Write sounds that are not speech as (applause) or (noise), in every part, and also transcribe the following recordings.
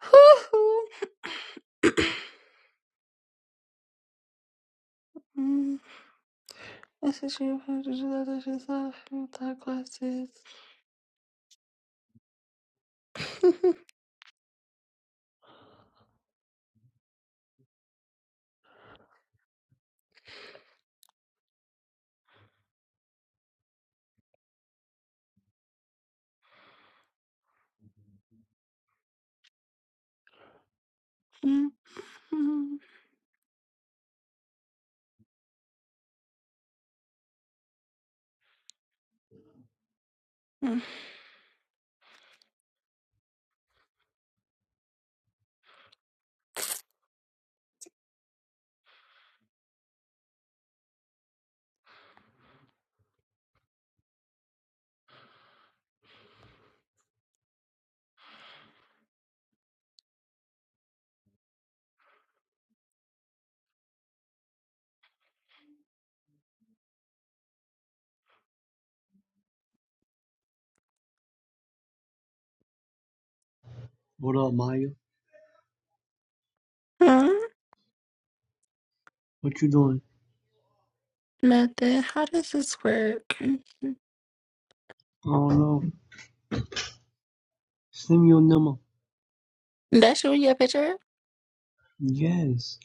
(laughs) Mm, I said she had to do that. She's without glasses. (laughs) Mhm. What up, Maya? Huh? What you doing? Nothing. How does this work? I don't know. Send me your number. That's you in your picture? Yes.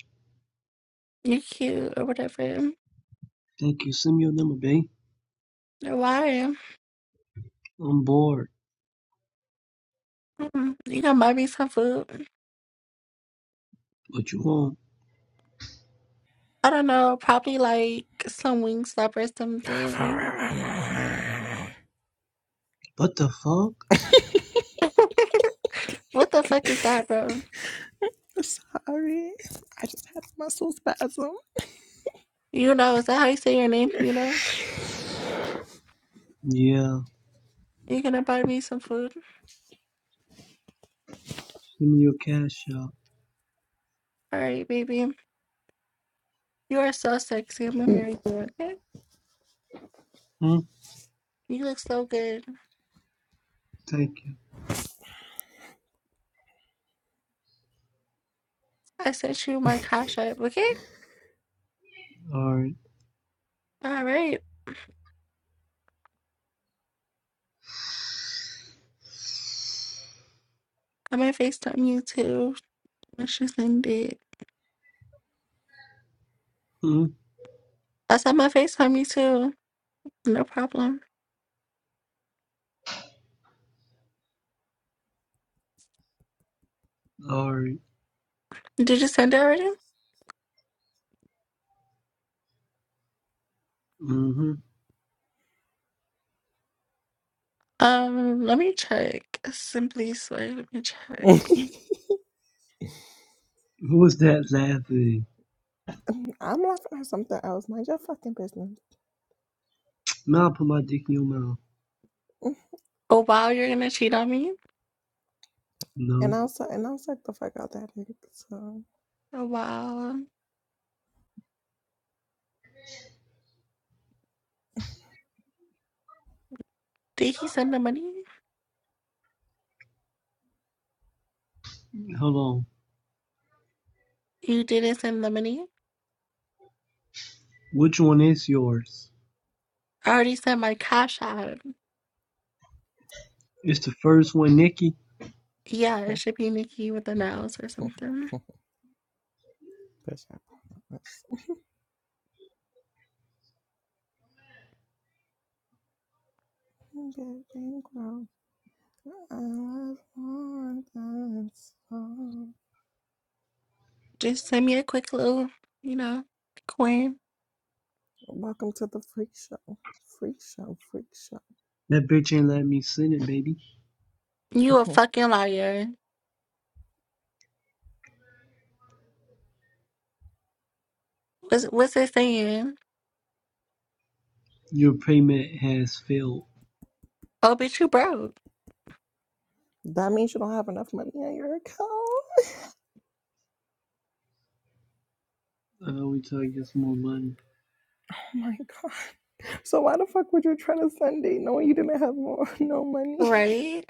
You cute or whatever. Thank you. Send me your number, babe. Why? I'm bored. Mm, You gonna buy me some food? What you want? I don't know. Probably like some wing stop or (laughs) Sorry. something. What the fuck? (laughs) what the fuck is that, bro? I just had a muscle spasm. You know, is that how you say your name? You know? Yeah. You gonna buy me some food? Send me your cash out. All right, baby. You are so sexy. I'm gonna marry you, okay? Hmm? You look so good. Thank you. I sent you my cash app, okay? Alright. All right. I'm gonna FaceTime you too. I should send it. Hmm? I said my FaceTime you too. No problem. Alright. Did you send it already? Mm-hmm. Um, let me check. Simply swear, let me check. (laughs) Who was that laughing? I'm laughing at something else. Mind your fucking business. Now I put my dick in your mouth. Oh wow, you're gonna cheat on me? No. And I'll suck and I'll suck the fuck out that nigga. So Oh wow. Did he send the money? Hold on. You didn't send the money? Which one is yours? I already sent my cash app. It's the first one, Nikki. Yeah, it (laughs) should be Nikki with the nails or something. Bitch, I promise. I love more than song. Just send me a quick little, you know, Quinn. Welcome to the freak show. Freak show, freak That bitch ain't let me send it, baby. You a show. fucking liar. What's what's it saying? Your payment has failed. Oh, bitch, you broke. (laughs) that means you don't have enough money in your account. Oh I always tell you it's more money. my god. So why the fuck would you try to Sunday knowing you didn't have more, (laughs) no money? Right?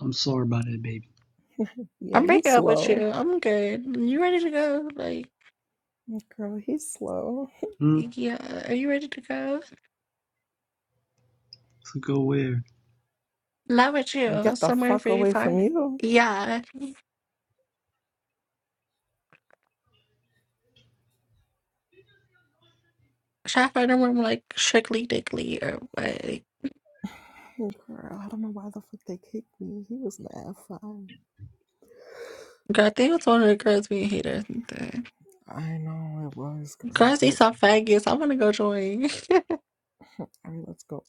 I'm sorry about that, baby. Yeah, I'm you breaking up with slow. you. I'm good. You ready to go? Like, Girl, he's slow. Hmm? yeah. Are you ready to go? So go where? Not with you. Get the Somewhere fuck very away far. from you. Yeah. Should I find a room like strictly dickly or what? Girl, I don't know why the fuck they kicked me. He was mad fine. Girl, I think it's one of the girls being haters. and stuff. I know it was, girl, Girls, they because, some faggots. I want to go join. (laughs) I mean, let's go.